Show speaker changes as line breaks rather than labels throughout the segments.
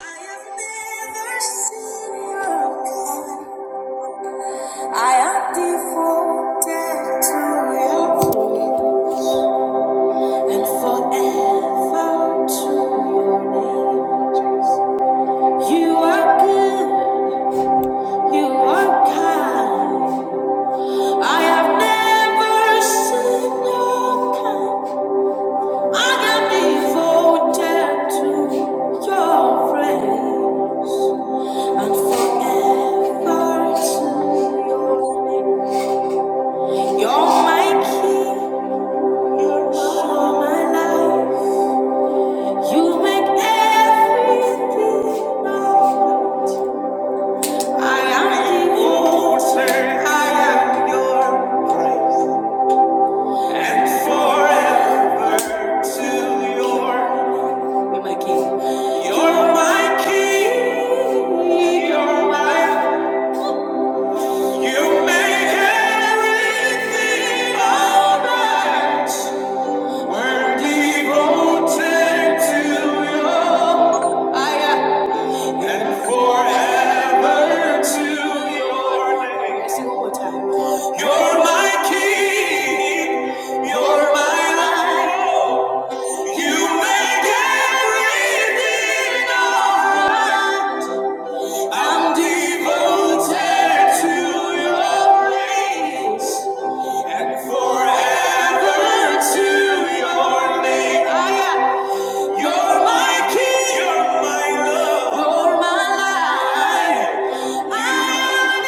I have never seen you again. I am devoted to your name and forever to your name. You are good, you are kind. I have never seen your kind. I am devoted to your praise. You're my king, you're my You make everything alright. When we go to your and forever to your name. You're my king. You're my light. You make everything alright. I'm devoted to your grace. And Forever to your name. I got- You're my king. You're my love. You're my life. I am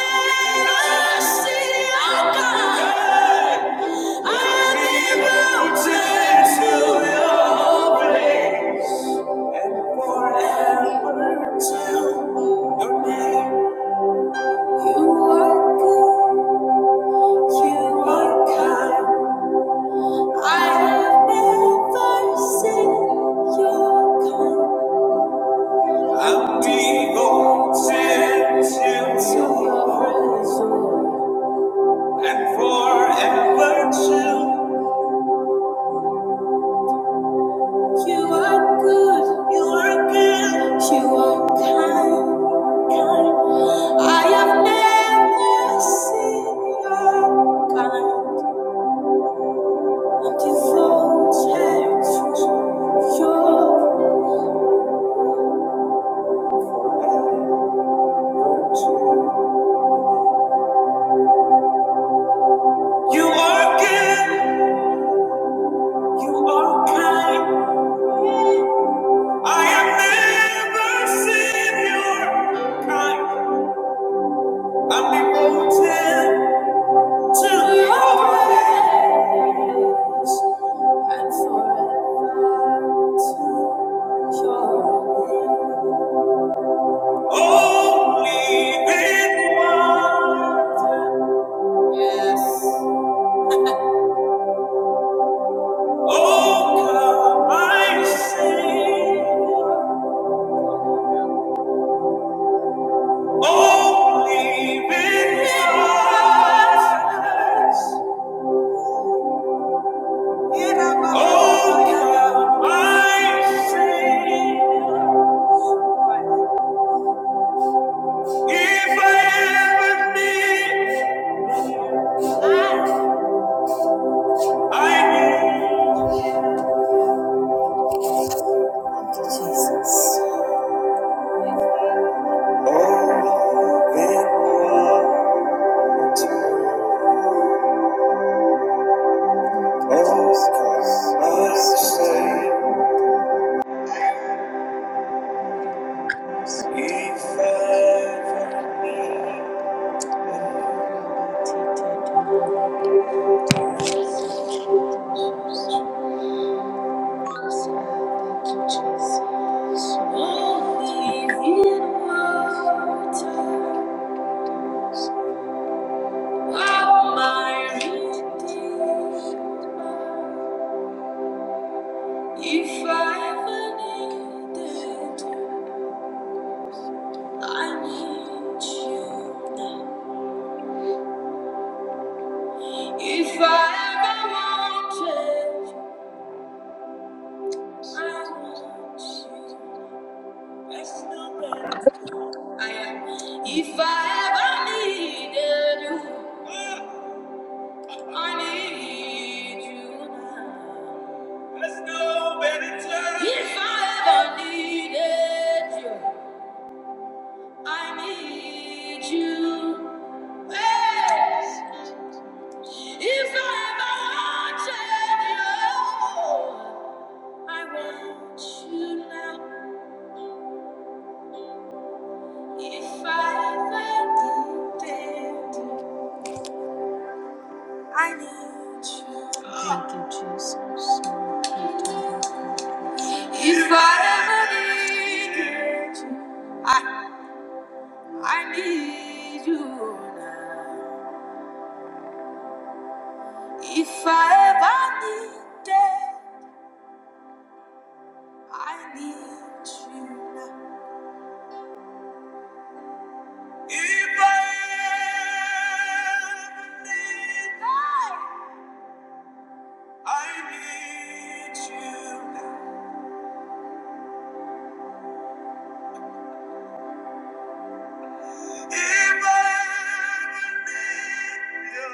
a city of God. I am devoted to your praise. And forever to your name. You are good. You are kind. I have never seen your kind. I'm devoted to your presence and forever to. You are good. You are good. You are kind. I have never seen your kind. I'm devoted to your presence. You are good, you are kind. I have never seen your kind. I'm devoted to your ways and forever to your name. Only in wonder, yes. Oh, come, my Savior. Oh, believe in me. Oh, my Savior. If I ever need, I need Jesus. Oh, then what else could I say? If I ever- Thank you, Jesus. If i ever needed, I need you now. If I ever wanted, I want you. There's no better I am. If I ever needed you, I need you now. no If I ever needed you, I need you. Yes. If I ever wanted you, I want you now. If I ever needed you, I need you. Thank you, Jesus. If I ever needed you, I need you now. If I ever needed, I need you now. If I ever needed, I need you now. If I ever need you,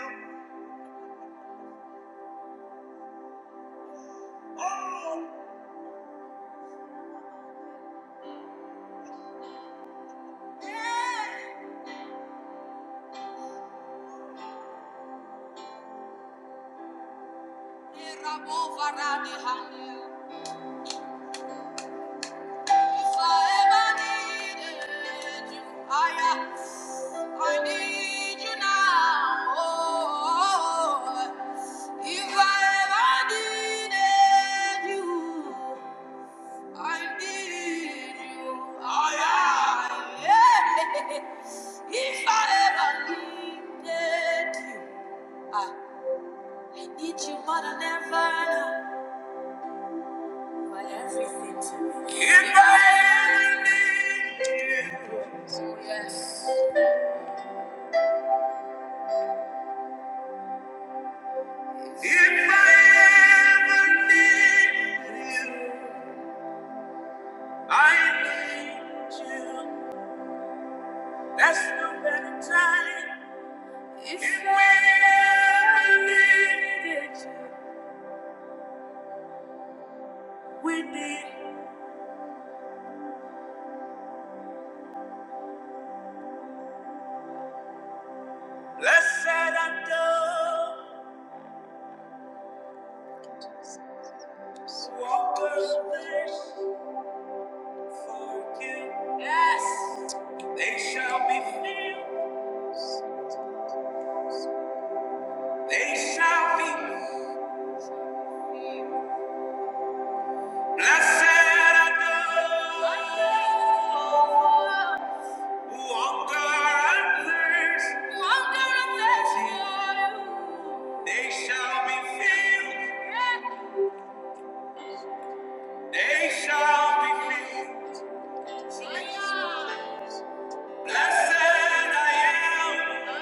I need you now. Oh, if I ever needed you, I need you. Oh, yeah, yeah. If I ever needed you, I, I need you more than ever now. You are everything to me. If I, if I ever needed you, I need you. There's no better time. If I ever needed, we need. Blessed adore, walkers, forgive. They shall be filled. They shall be blessed are those who hunger and thirst. They shall be filled. They shall be filled. Blessed I am.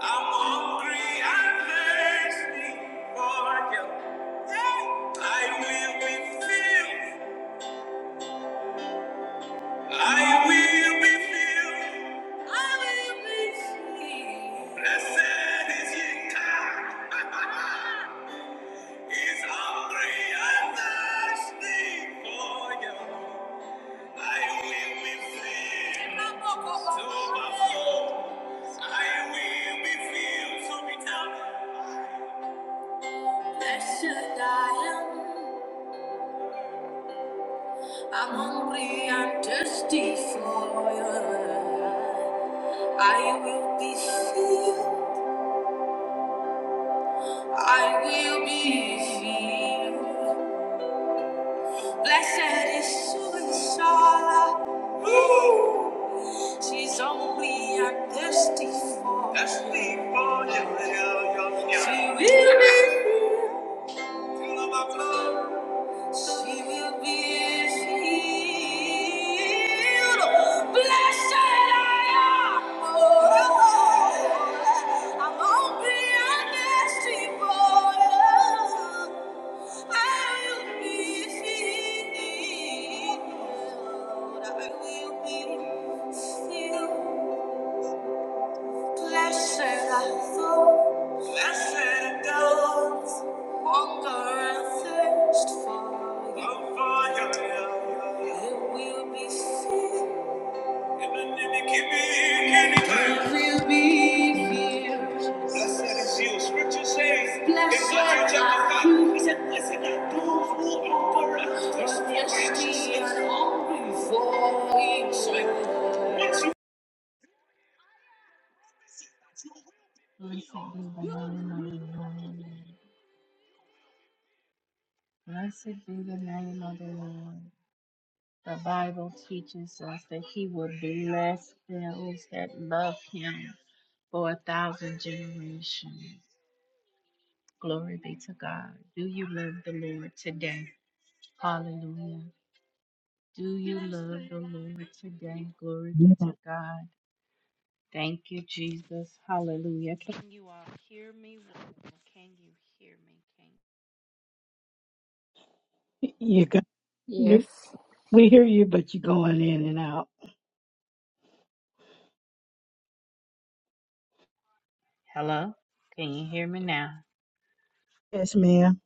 I'm hungry and thirsty for you. I will be filled. I will be filled. I will be filled. Blessed is Your ye. He's hungry and thirsty for you. I will be filled to overflow. I will be filled to be done. Blessed I am. I'm hungry and thirsty for you. I will be filled. I will be filled. Blessed is Sula. She's only a dusty for Dusty for you, you, you, you. She will be here. She will be healed. Blessed I am. Oh, I'm only a dusty for you. I will be healed. I will be healed. Blessed I fall, blessed goes, hunger and thirst for you. Oh, It will be filled. It will be filled. Blessed is you. Scripture says, Blessed are you. it said, Blessed are those who hunger and thirst for righteousness.
You go,
Yes.
we hear you, but you're going in and out. Yes, ma'am.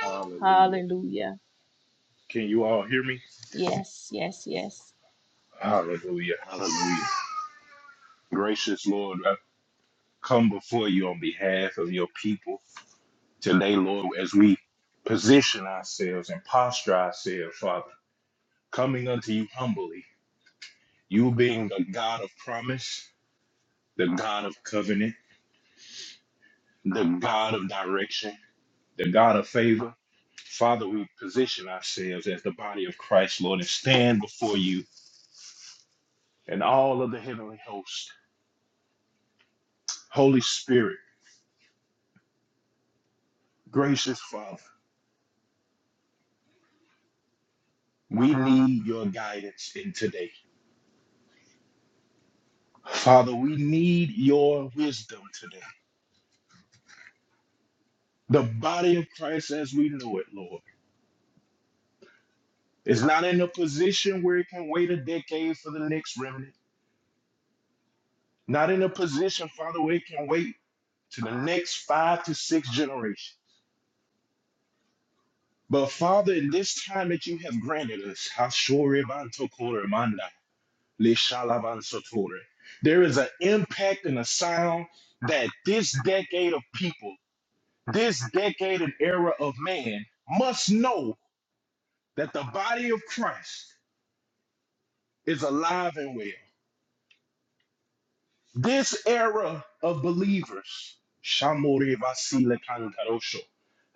Hallelujah. Can you all hear me? Hallelujah. Hallelujah. Gracious Lord, I come before you on behalf of your people today, Lord, as we position ourselves and posture ourselves, Father, coming unto you humbly. You being the God of promise, the God of covenant, the God of direction, the God of favor. Father, we position ourselves as the body of Christ, Lord, and stand before you and all of the heavenly host. Holy Spirit, gracious Father. We need your guidance in today. Father, we need your wisdom today. The body of Christ as we know it, Lord, is not in a position where it can wait a decade for the next remnant, not in a position, Father, where it can wait to the next five to six generations. But Father, in this time that you have granted us, Hashore Bantokore Manda, Leshalabansotore, there is an impact and a sound that this decade of people this decade and era of man must know that the body of Christ is alive and well. This era of believers, Shamore Vasile Cantarosho,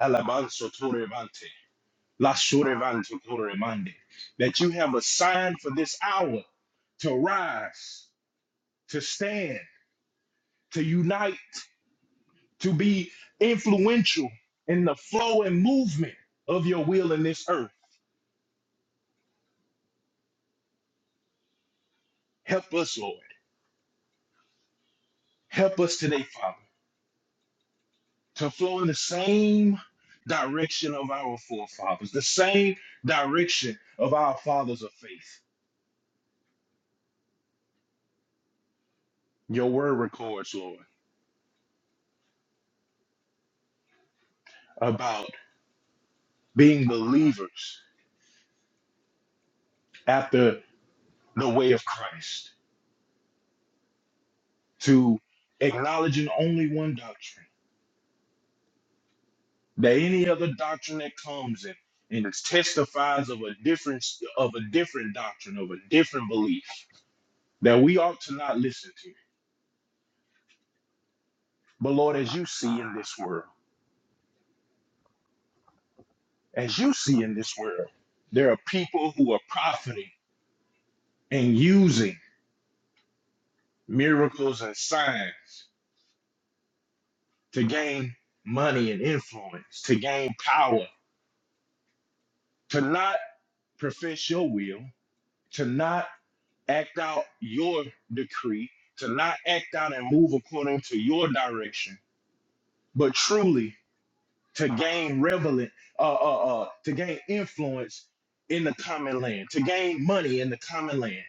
Alabanzo Torevante, La Sorevanto Toremande, that you have a sign for this hour to rise, to stand, to unite, to be influential in the flow and movement of your will in this earth. Help us, Lord. Help us today, Father, to flow in the same direction of our forefathers, the same direction of our fathers of faith. Your word records, Lord, about being believers after the way of Christ, to acknowledging only one doctrine, that any other doctrine that comes in and testifies of a difference of a different doctrine, of a different belief that we ought to not listen to. But Lord, as you see in this world. as you see in this world, there are people who are profiting and using miracles and signs to gain money and influence, to gain power, to not profess your will, to not act out your decree, to not act out and move according to your direction, but truly to gain relevant, uh, uh, uh, to gain influence in the common land, to gain money in the common land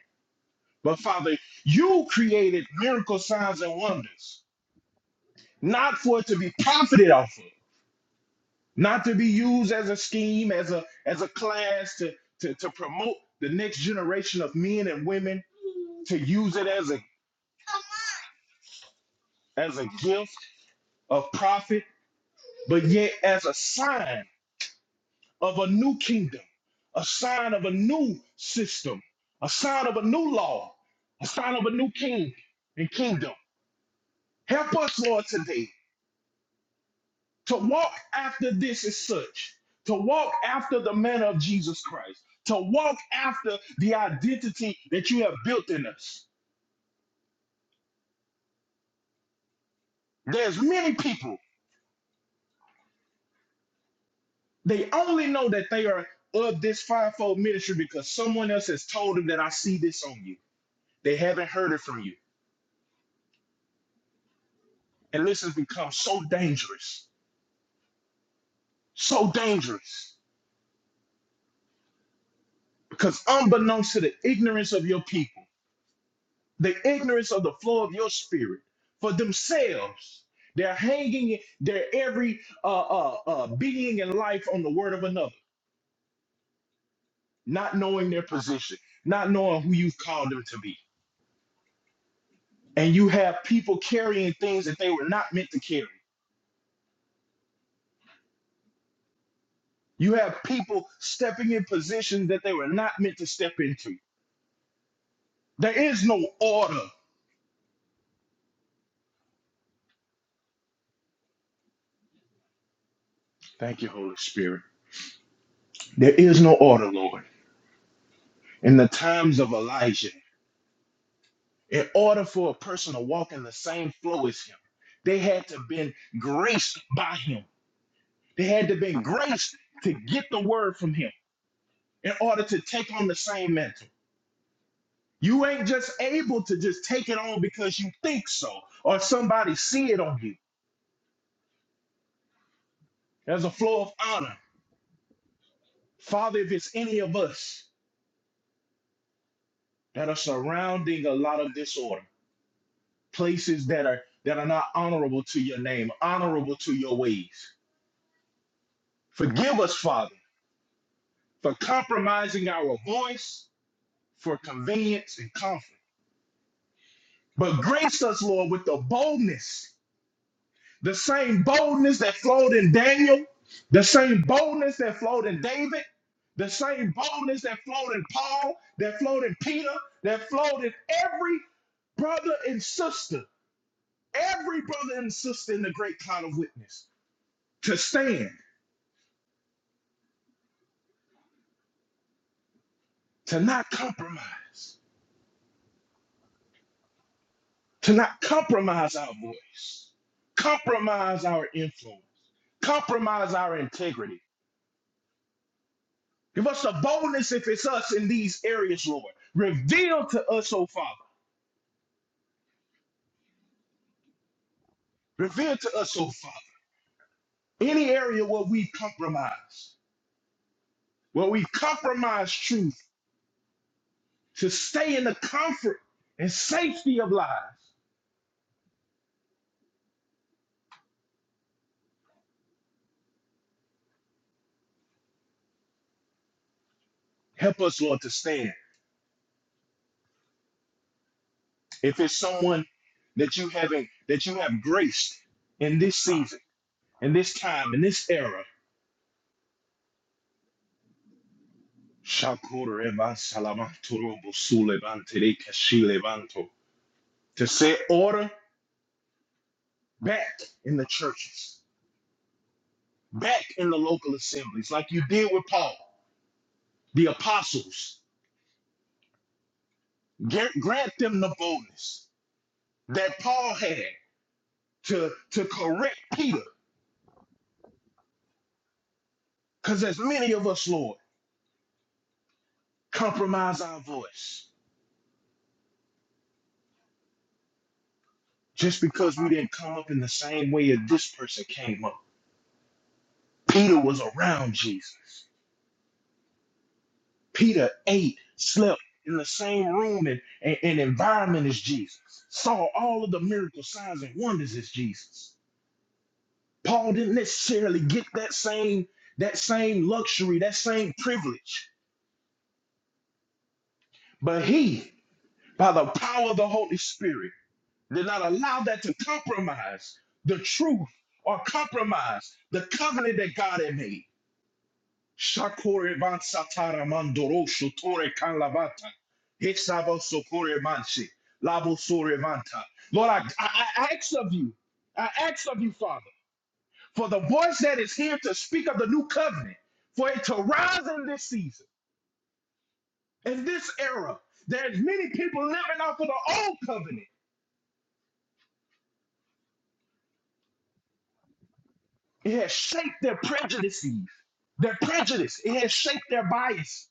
But Father, you created miracle signs and wonders, not for it to be profited off of, not to be used as a scheme, as a as a class to to, to promote the next generation of men and women to use it as a as a gift of profit, but yet as a sign of a new kingdom, a sign of a new system, a sign of a new law, a sign of a new king and kingdom. Help us, Lord, today to walk after this is such to walk after the manner of Jesus Christ, to walk after the identity that you have built in us. There's many people, they only know that they are of this fivefold ministry because someone else has told them that I see this on you. They haven't heard it from you. And this has become so dangerous, so dangerous because unbeknownst to the ignorance of your people, the ignorance of the flow of your spirit for themselves. They're hanging their every uh, uh, uh, being and life on the word of another, not knowing their position, not knowing who you've called them to be. And you have people carrying things that they were not meant to carry. You have people stepping in positions that they were not meant to step into. There is no order. Thank you, Holy Spirit. There is no order, Lord. In the times of Elijah, in order for a person to walk in the same flow as him. They had to been graced by him. They had to been graced to get the word from him in order to take on the same mantle. You ain't just able to just take it on because you think so or somebody see it on you. There's a flow of honor. Father, if it's any of us that are surrounding a lot of disorder, places that are that are not honorable to your name, honorable to your ways. Forgive us, Father for compromising our voice for convenience and comfort. But grace us, Lord, with the boldness, the same boldness that flowed in Daniel, the same boldness that flowed in David, the same boldness that flowed in Paul, that flowed in Peter, that flowed in every brother and sister, every brother and sister in the great cloud of witness, to stand, to not compromise. to not compromise our voice, compromise our influence, compromise our integrity. Give us the boldness if it's us in these areas, Lord. Reveal to us, oh Father. Reveal to us, oh Father, any area where we compromise, where we compromise truth to stay in the comfort and safety of lies. Help us, Lord, to stand. If it's someone that you haven't, that you have graced in this season, in this time, in this era, Shakur Eva Salamantoro Busulevantere Kashilevanto. To set order back in the churches, back in the local assemblies, like you did with Paul. The apostles, gra- grant them the boldness that Paul had to, to correct Peter. Because as many of us, Lord, compromise our voice just because we didn't come up in the same way as this person came up. Peter was around Jesus. Peter ate, slept in the same room and, and, and environment as Jesus, saw all of the miracle signs and wonders as Jesus. Paul didn't necessarily get that same that same luxury, that same privilege, but he, by the power of the Holy Spirit, did not allow that to compromise the truth or compromise the covenant that God had made. Shakore van satara mandoro shotore kan lavata. sokore manche. Labo sore vanta. Lord, I, I, I ask of you, I ask of you, Father, for the voice that is here to speak of the new covenant, for it to rise in this season, in this era. There's many people living off of the old covenant. It has shaped their prejudices, their prejudice. It has shaped their bias.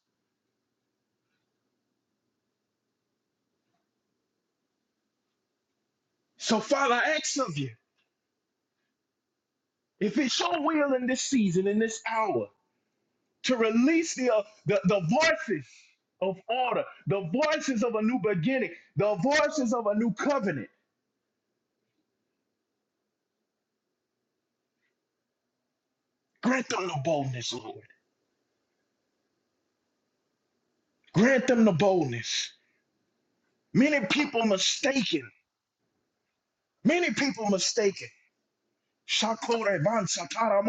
So, Father, I ask of you, if it's your will in this season, in this hour, to release the, uh, the, the voices of order, the voices of a new beginning, the voices of a new covenant. Grant them the boldness, Lord. Grant them the boldness. Many people mistaken. Many people mistaken. Shakore ban satara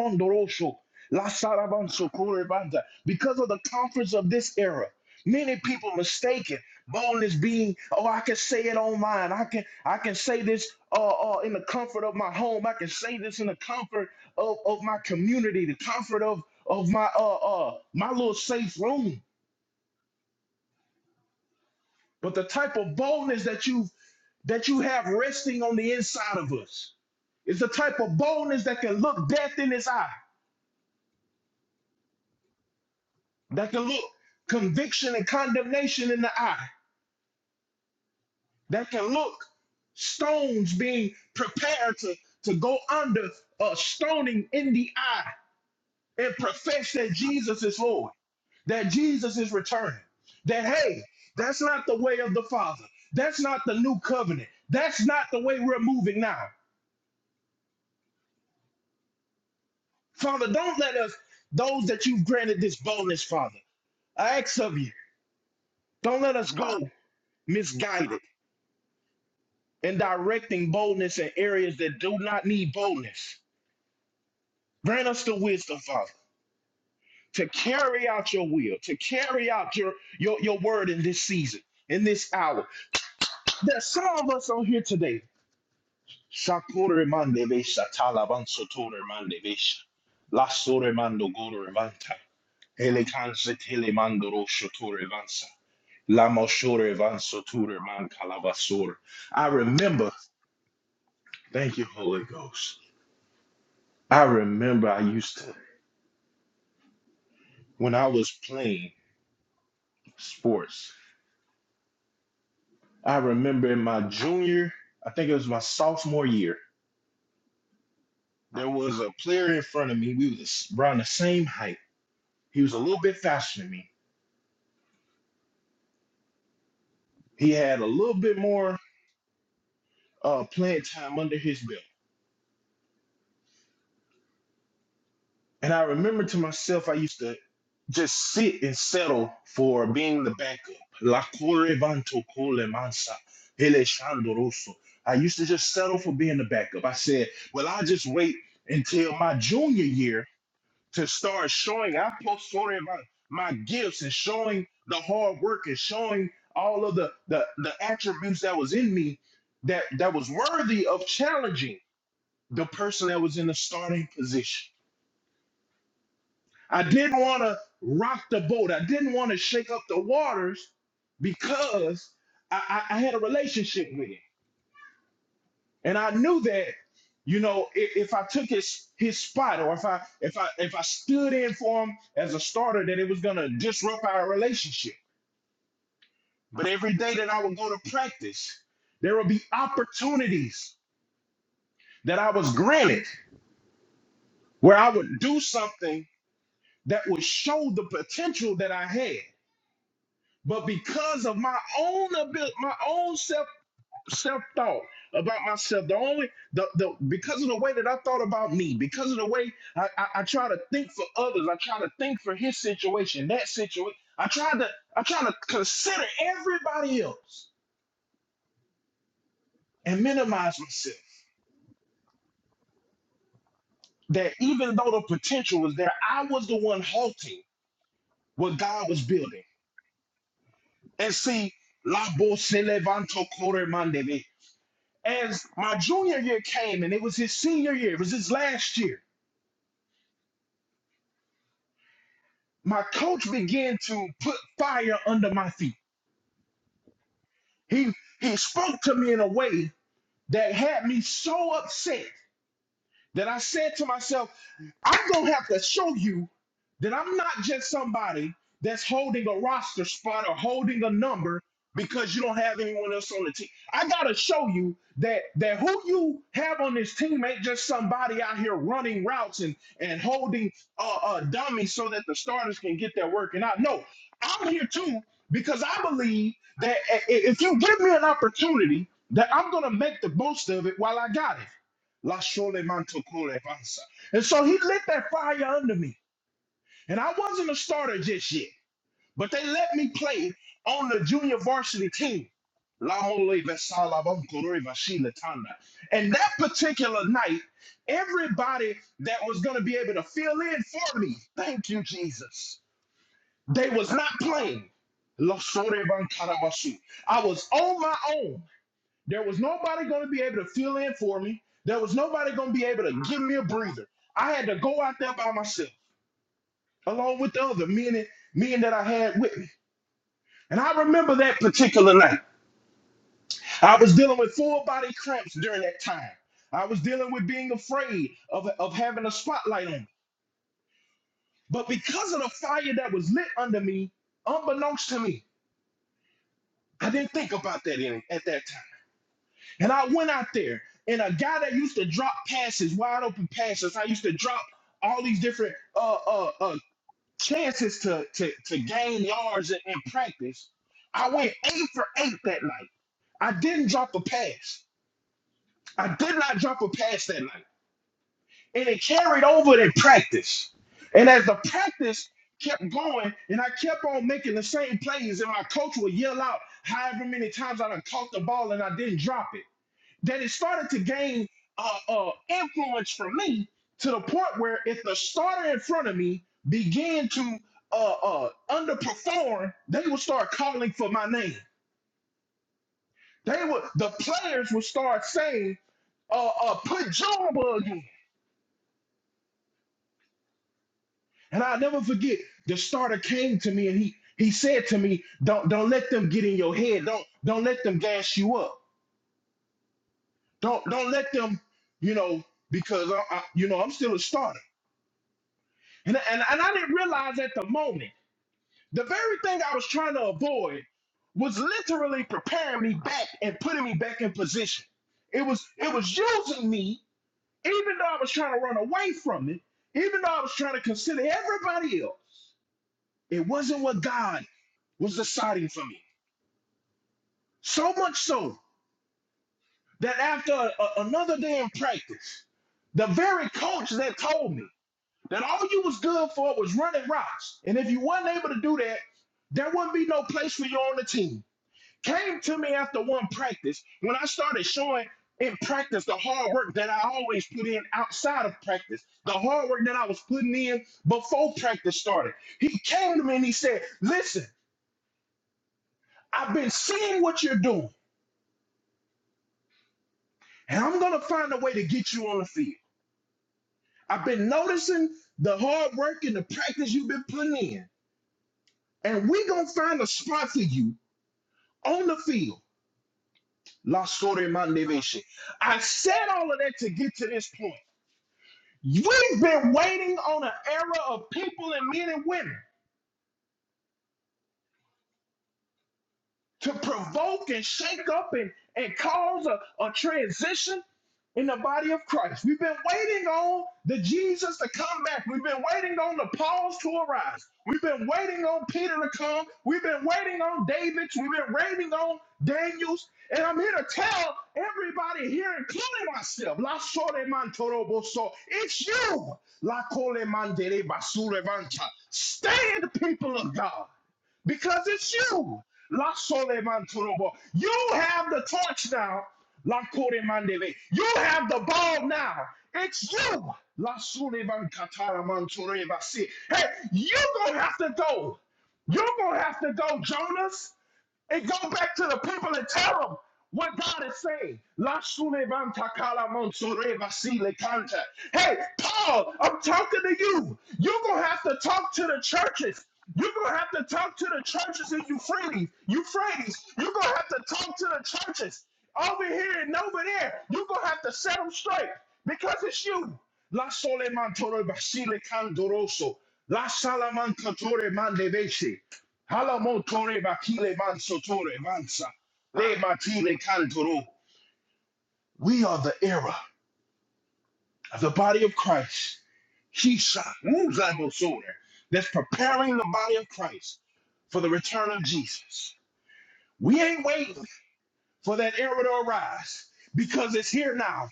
La saraban sokore banda. Because of the conference of this era, many people mistake it. boldness being, oh, I can say it online. I can I can say this uh, uh, in the comfort of my home. I can say this in the comfort of, of my community, the comfort of of my uh uh my little safe room. But the type of boldness that you that you have resting on the inside of us is the type of boldness that can look death in its eye that can look conviction and condemnation in the eye, that can look stones being prepared to, to go under uh, stoning in the eye and profess that Jesus is Lord, that Jesus is returning, that, hey, that's not the way of the Father. That's not the new covenant. That's not the way we're moving now. Father, don't let us, those that you've granted this boldness, Father, I ask of you, don't let us go misguided. and directing boldness in areas that do not need boldness. Grant us the wisdom, Father, to carry out your will, to carry out your, your, your word in this season, in this hour. There's some of us on here today. Shakure mande besha, talaban mande besha, lasore mando gore manta, elekanse tele mando rosho vansa, lamoshore vanso man kalabasore. I remember, thank you, Holy Ghost. I remember I used to when I was playing sports. I remember in my junior, I think it was my sophomore year, there was a player in front of me. We was around the same height. He was a little bit faster than me. He had a little bit more uh, playing time under his belt. And I remember to myself, I used to just sit and settle for being the backup. La corre vanto con le mansa, Alessandro Rosso. I used to just settle for being the backup. I said, well, I'll just wait until my junior year to start showing. I'm supposed to show them my, my gifts and showing the hard work and showing all of the, the the attributes that was in me that that was worthy of challenging the person that was in the starting position. I didn't want to rock the boat. I didn't want to shake up the waters because I, I, I had a relationship with him. And I knew that, you know, if, if I took his his spot or if I if I if I stood in for him as a starter, that it was gonna disrupt our relationship. But every day that I would go to practice, there would be opportunities that I was granted where I would do something that would show the potential that I had. But because of my own ability, my own self self thought about myself. The only the the because of the way that I thought about me, because of the way I, I, I try to think for others, I try to think for his situation, that situation. I try to I try to consider everybody else and minimize myself. That even though the potential was there, I was the one halting what God was building. And see, la voz se levantó corre mandebe. As my junior year came and it was his senior year, it was his last year. my coach began to put fire under my feet. He he spoke to me in a way that had me so upset that I said to myself, I'm going to have to show you that I'm not just somebody that's holding a roster spot or holding a number because you don't have anyone else on the team. I got to show you that that who you have on this team ain't just somebody out here running routes and and holding uh, uh dummies so that the starters can get their work. And I know I'm here too because I believe that i- i- if you give me an opportunity that I'm going to make the most of it while I got it. Lashole mantokore pansa. And so he lit that fire under me. And I wasn't a starter just yet, but they let me play on the junior varsity team. Lamole vesala bankore vashile tanda. And that particular night, everybody that was going to be able to fill in for me, thank you, Jesus, they was not playing. Lashore bankara basu. I was on my own. There was nobody going to be able to fill in for me. There was nobody going to be able to give me a breather. I had to go out there by myself, along with the other men, men that I had with me. And I remember that particular night. I was dealing with full body cramps during that time. I was dealing with being afraid of, of having a spotlight on me. But because of the fire that was lit under me, unbeknownst to me, I didn't think about that in, at that time. And I went out there, and a guy that used to drop passes, wide open passes, I used to drop all these different uh, uh, uh, chances to, to, to gain yards in, in practice. I went eight for eight that night. I didn't drop a pass. I did not drop a pass that night. And it carried over in practice. And as the practice kept going, and I kept on making the same plays, and my coach would yell out however many times I done caught the ball and I didn't drop it that it started to gain uh, uh, influence from me to the point where if the starter in front of me began to uh, uh, underperform, they would start calling for my name. They would the players would start saying, uh, uh, "Put Jumbo again." And I'll never forget the starter came to me and he he said to me, "Don't don't let them get in your head. Don't don't let them gas you up. Don't don't let them, you know, because I, I you know I'm still a starter." And, and, and I didn't realize at the moment, the very thing I was trying to avoid was literally preparing me back and putting me back in position. It was it was using me, even though I was trying to run away from it, even though I was trying to consider everybody else. It wasn't what God was deciding for me. So much so that after a- another day in practice, the very coach that told me. That all you was good for was running routes. And if you wasn't able to do that, there wouldn't be no place for you on the team. Came to me after one practice when I started showing in practice the hard work that I always put in outside of practice, the hard work that I was putting in before practice started. He came to me and he said, Listen, I've been seeing what you're doing, and I'm going to find a way to get you on the field. I've been noticing the hard work and the practice you've been putting in, and we're going to find a spot for you on the field. La Sore Mandeveshe. I said all of that to get to this point. We've been waiting on an era of people and men and women to provoke and shake up and, and cause a, a transition in the body of Christ. We've been waiting on the Jesus to come back. We've been waiting on the Pauls to arise. We've been waiting on Peter to come. We've been waiting on David's. We've been waiting on Daniel's. And I'm here to tell everybody here, including myself, La Sole Mantoro it's you, La Cole Mandere Basurevanta. Stand, people of God because it's you. La sole turobo. You have the torch now. La kore You have the ball now. It's you. La sole man tureba si. Hey, you're going to have to go. You're going to have to go, Jonas and go back to the people and tell them what God is saying. La sulevanta kala monsore vasile kanta. Hey, Paul, I'm talking to you. You're going to have to talk to the churches. You're going to have to talk to the churches in Euphrates. Euphrates. You're going to have to talk to the churches over here and over there. You're going to have to set them straight because it's you. La solemantore vasile candoroso. La salamantore mandevese. Halamotore bakile mansotore mansa. Le matile kantoro. We are the era of the body of Christ. Hisha muzamosore. That's preparing the body of Christ for the return of Jesus. We ain't waiting for that era to arise because it's here now.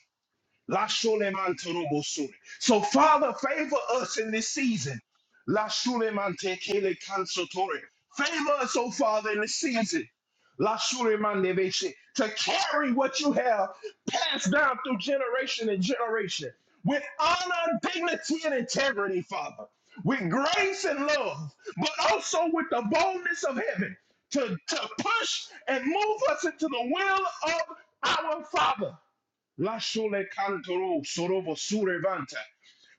La shule mantorobo sule. So, Father, favor us in this season. La shule mante kele kansotore. Favor us, oh Father, in this season. La shule mande beshe. To carry what you have passed down through generation and generation with honor, dignity, and integrity, Father, with grace and love, but also with the boldness of heaven to, to push and move us into the will of our Father. Lasole kantoro sorobo surevanta.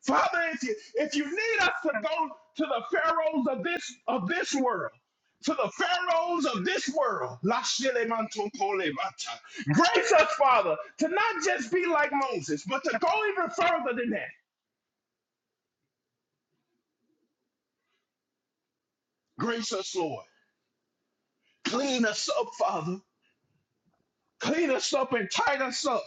Father, if you if you need us to go to the pharaohs of this of this world, to the pharaohs of this world, Lashele manto kole mata. grace us, Father, to not just be like Moses, but to go even further than that. Grace us, Lord. Clean us up, Father. Clean us up and tighten us up.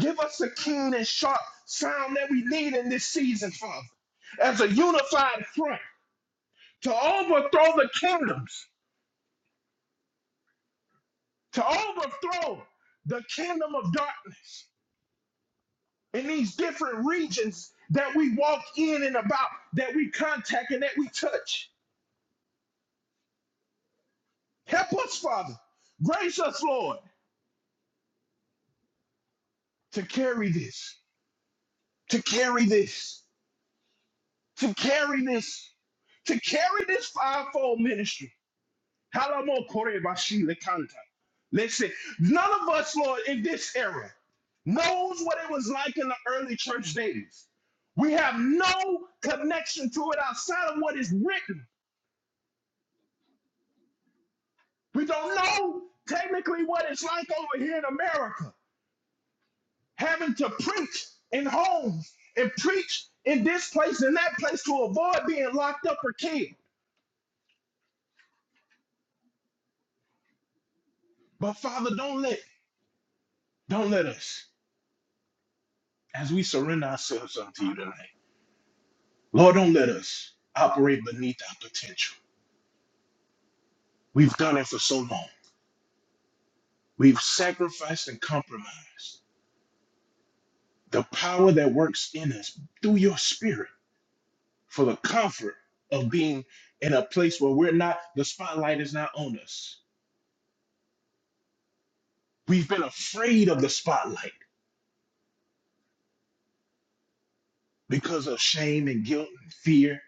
Give us the keen and sharp sound that we need in this season, Father, as a unified front. to overthrow the kingdoms, to overthrow the kingdom of darkness in these different regions that we walk in and about, that we contact and that we touch. Help us, Father. Grace us, Lord, to carry this, to carry this, to carry this, to carry this fivefold ministry Halamo kore bashi lekanta. Listen, none of us, Lord, in this era knows what it was like in the early church days. We have no connection to it outside of what is written. We don't know technically what it's like over here in America, having to preach in homes and preach in this place and that place to avoid being locked up or killed. But Father, don't let don't let us as we surrender ourselves unto you tonight. Lord, don't let us operate beneath our potential. We've done it for so long. We've sacrificed and compromised the power that works in us through your spirit for the comfort of being in a place where we're not, the spotlight is not on us. We've been afraid of the spotlight because of shame and guilt and fear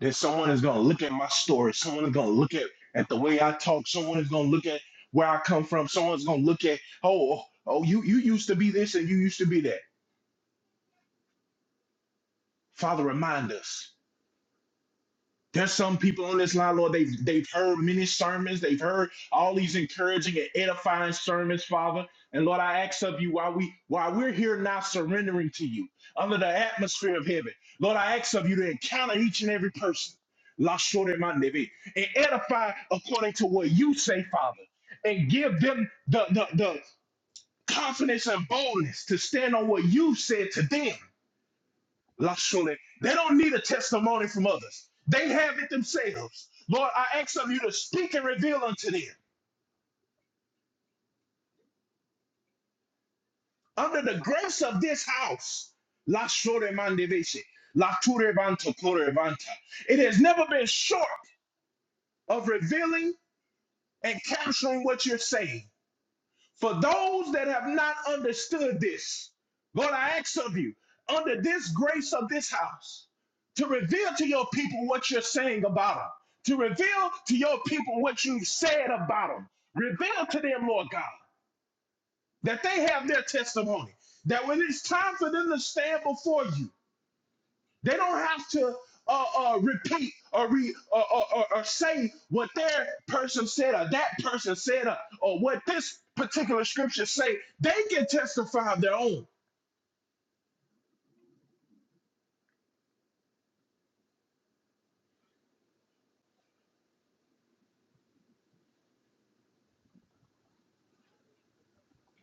that someone is going to look at my story. Someone is going to look at, at the way I talk. Someone is going to look at where I come from. Someone's going to look at, oh, oh, you, you used to be this and you used to be that. Father, remind us. There's some people on this line, Lord, they've, they've heard many sermons. They've heard all these encouraging and edifying sermons, Father. And Lord, I ask of you while, we, while we're here now surrendering to you under the atmosphere of heaven, Lord, I ask of you to encounter each and every person. La shore mande be, And edify according to what you say, Father. And give them the, the, the confidence and boldness to stand on what you said to them. They don't need a testimony from others. They have it themselves. Lord, I ask of you to speak and reveal unto them under the grace of this house. It has never been short of revealing and capturing what you're saying. For those that have not understood this, Lord, I ask of you, under this grace of this house, to reveal to your people what you're saying about them, to reveal to your people what you've said about them. Reveal to them, Lord God, that they have their testimony, that when it's time for them to stand before you, they don't have to uh, uh, repeat or, re, or, or, or, or say what their person said or that person said or, or what this particular scripture say. They can testify of their own.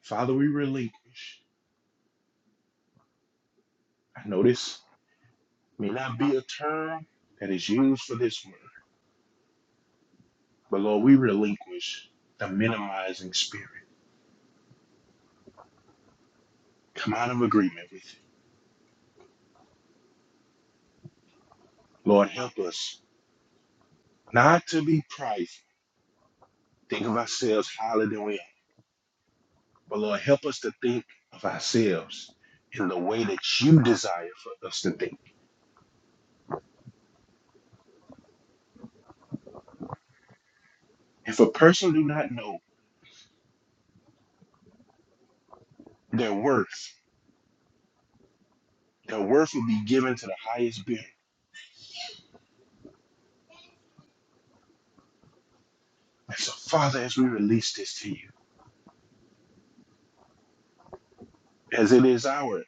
Father, we relinquish. I know this may not be a term that is used for this word, but Lord, we relinquish the minimizing spirit. Come out of agreement with it. Lord, help us not to be prideful. Think of ourselves higher than we are. But Lord, help us to think of ourselves in the way that you desire for us to think. If a person do not know their worth, their worth will be given to the highest bidder. And so, Father, as we release this to you, as it is our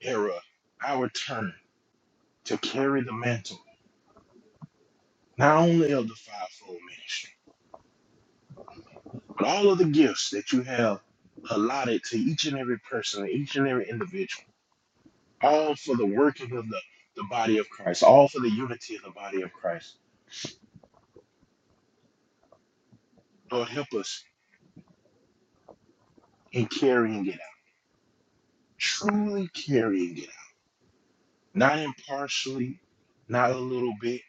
era, our turn to carry the mantle, not only of the fivefold ministry, but all of the gifts that you have allotted to each and every person, each and every individual, all for the working of the, the body of Christ, all for the unity of the body of Christ. Lord, help us in carrying it out, truly carrying it out, not impartially, not a little bit,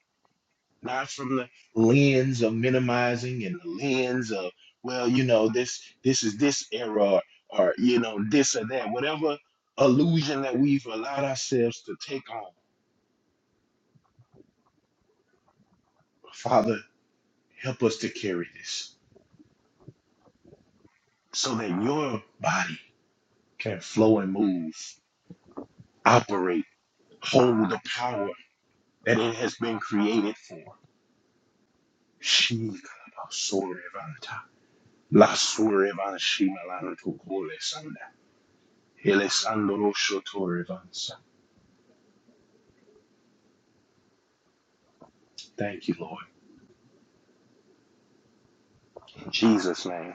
not from the lens of minimizing and the lens of, well, you know, this this is this era or, or, you know, this or that, whatever illusion that we've allowed ourselves to take on. Father, help us to carry this so that your body can flow and move, operate, hold the power that it has been created for She sorevanta. La sorevan shimalano to cole sanda. Elesandro shotorevansa. Thank you, Lord. In Jesus' name.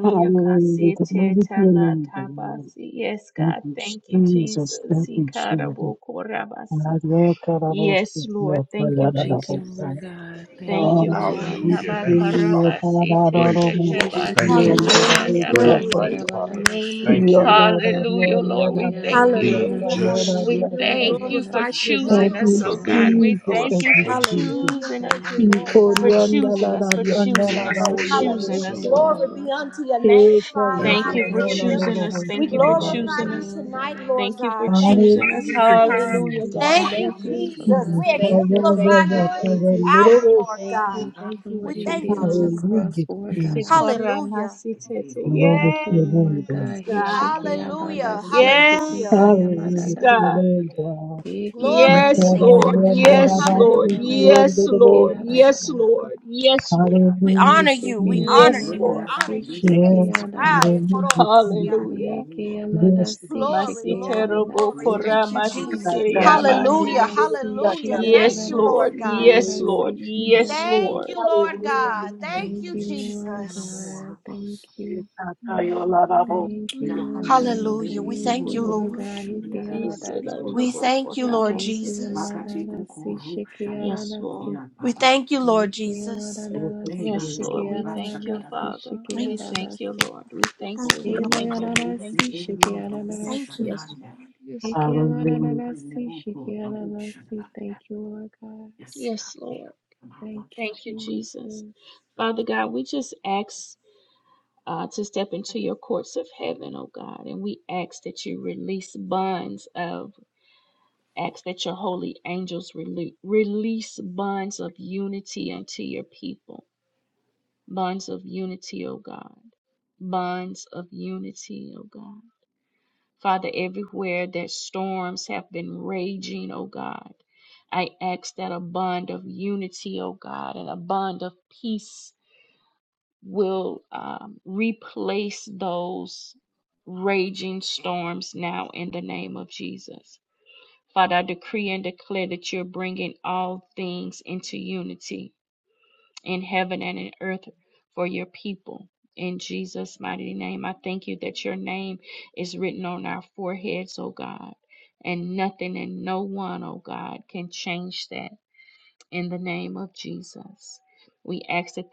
Hallelujah. Glory to your name, God. Thank you, Jesus. Thank you, Jesus. Hallelujah. Hallelujah.
Thank you, Lord
Hallelujah.
God. Thank you,
Oh, we
Hallelujah.
thank
Thank you,
you,
Jesus.
Lord.
Father. Gracious
He
Lord.
Hallelujah.
Thank
shiki
you.
amadada
Hallelujah.
si
Great
Glory
and
Bring
shiki
be to
mighty
Hallelujah.
Father.
the
amadada
name,
si.
Lord.
Thank you, Lord God,
He ki
for being
amadada
Hallelujah.
si
just,
Hallelujah. We
shiki amadada
glorify you
si
tonight,
Thank
ki
Lord
you,
for
Jesus.
being
amadada
a
si.
Jesus. Thank you,
refiner,
Jesus.
Hallelujah. Thank
Thank
you,
you,
In
Lord
Lord
God.
for
God,
Korean,
And
for
da
Glory
la
being
la,
to you,
King
yon
God.
of
da la
being
la,
our
Kings and
yes,
Lord and
Lord of
yes,
Hallelujah.
Savior.
yes,
Lords,
Glory be
Lord
unto
God.
your name,
yes, yes,
Thank
Father.
yes,
Thank
you,
you for
la la
being
Hallelujah.
my
la,
Alpha
yes,
We
and
and da la
glorify
Omega,
la.
you
Lord
tonight,
God.
Lord God. Thank you,
Lord
Hallelujah,
Jesus.
Jesus.
Thank you,
Jesus.
Thank you,
Jesus, for
Jesus.
Yes,
We
loving
ah,
us,
yeah,
Lord
yeah,
exemplify
God.
yeah,
you in
yeah,
this
yeah, la
hour,
la la.
Lord God.
Thank you for
We
what you
thank
did
you,
on the
Jesus.
cross,
Hallelujah,
Lord God.
Jesus.
Hallelujah.
Glory
Thank you,
to your name,
Lord
God.
God.
Hallelujah.
Hishikeyabadasi,
Hallelujah.
Hallelujah to your
shikekayamadadasi.
name, God.
Glory
In
be to your
Korean,
Hekeyamadadasi,
name,
yon da
Lord.
la la,
Hallelujah.
yes, yon da
shikeyamayadadasi,
la la, yes, and da la la.
keyadadadasi.
We
Hallelujah,
honor you. We
Jesus.
honor you. We
another,
Hishikeyamananasi,
honor you
do this,
today,
this,
Yes,
this,
Lord. Ah,
that.
shikeyadadasi.
hallelujah,
Yes,
Jesus.
Ikoromasia.
God.
Yes,
Hekeyamadasi,
Lord.
Glory,
Yes,
glory, glory.
shikeyadadasi.
Thank you,
Jesus,
Jesus.
Amen.
Hallelujah.
Hekeyamadadasi,
Hallelujah. Thank you, Lord
shiyadadadasi,
God.
yadadasi, shikeyadadasi.
Thank you, Lord God. Thank
Hallelujah.
Thank
you,
you, Lord
Jesus.
God. Thank you.
Hallelujah.
Thank you, Lord God.
Hallelujah. We
Thank
thank
you,
you,
Lord
Lord.
God.
Jesus.
Hikiyamadasi.
We thank you, Lord Jesus.
Hikiyamadadasi. Shikiyadadasi.
We thank you, Lord Jesus.
Hikiyamadadasi. Shikiyadadasi.
Thank you.
Shikiyadadasi.
Thank you, Lord.
Himoyadadasi.
Thank you,
Shikiyadadasi.
Father.
Hallelujah.
Hikiyamadadasi. Shikiyadadasi. Thank you, Lord God.
Yes,
Thank you,
God.
Jesus.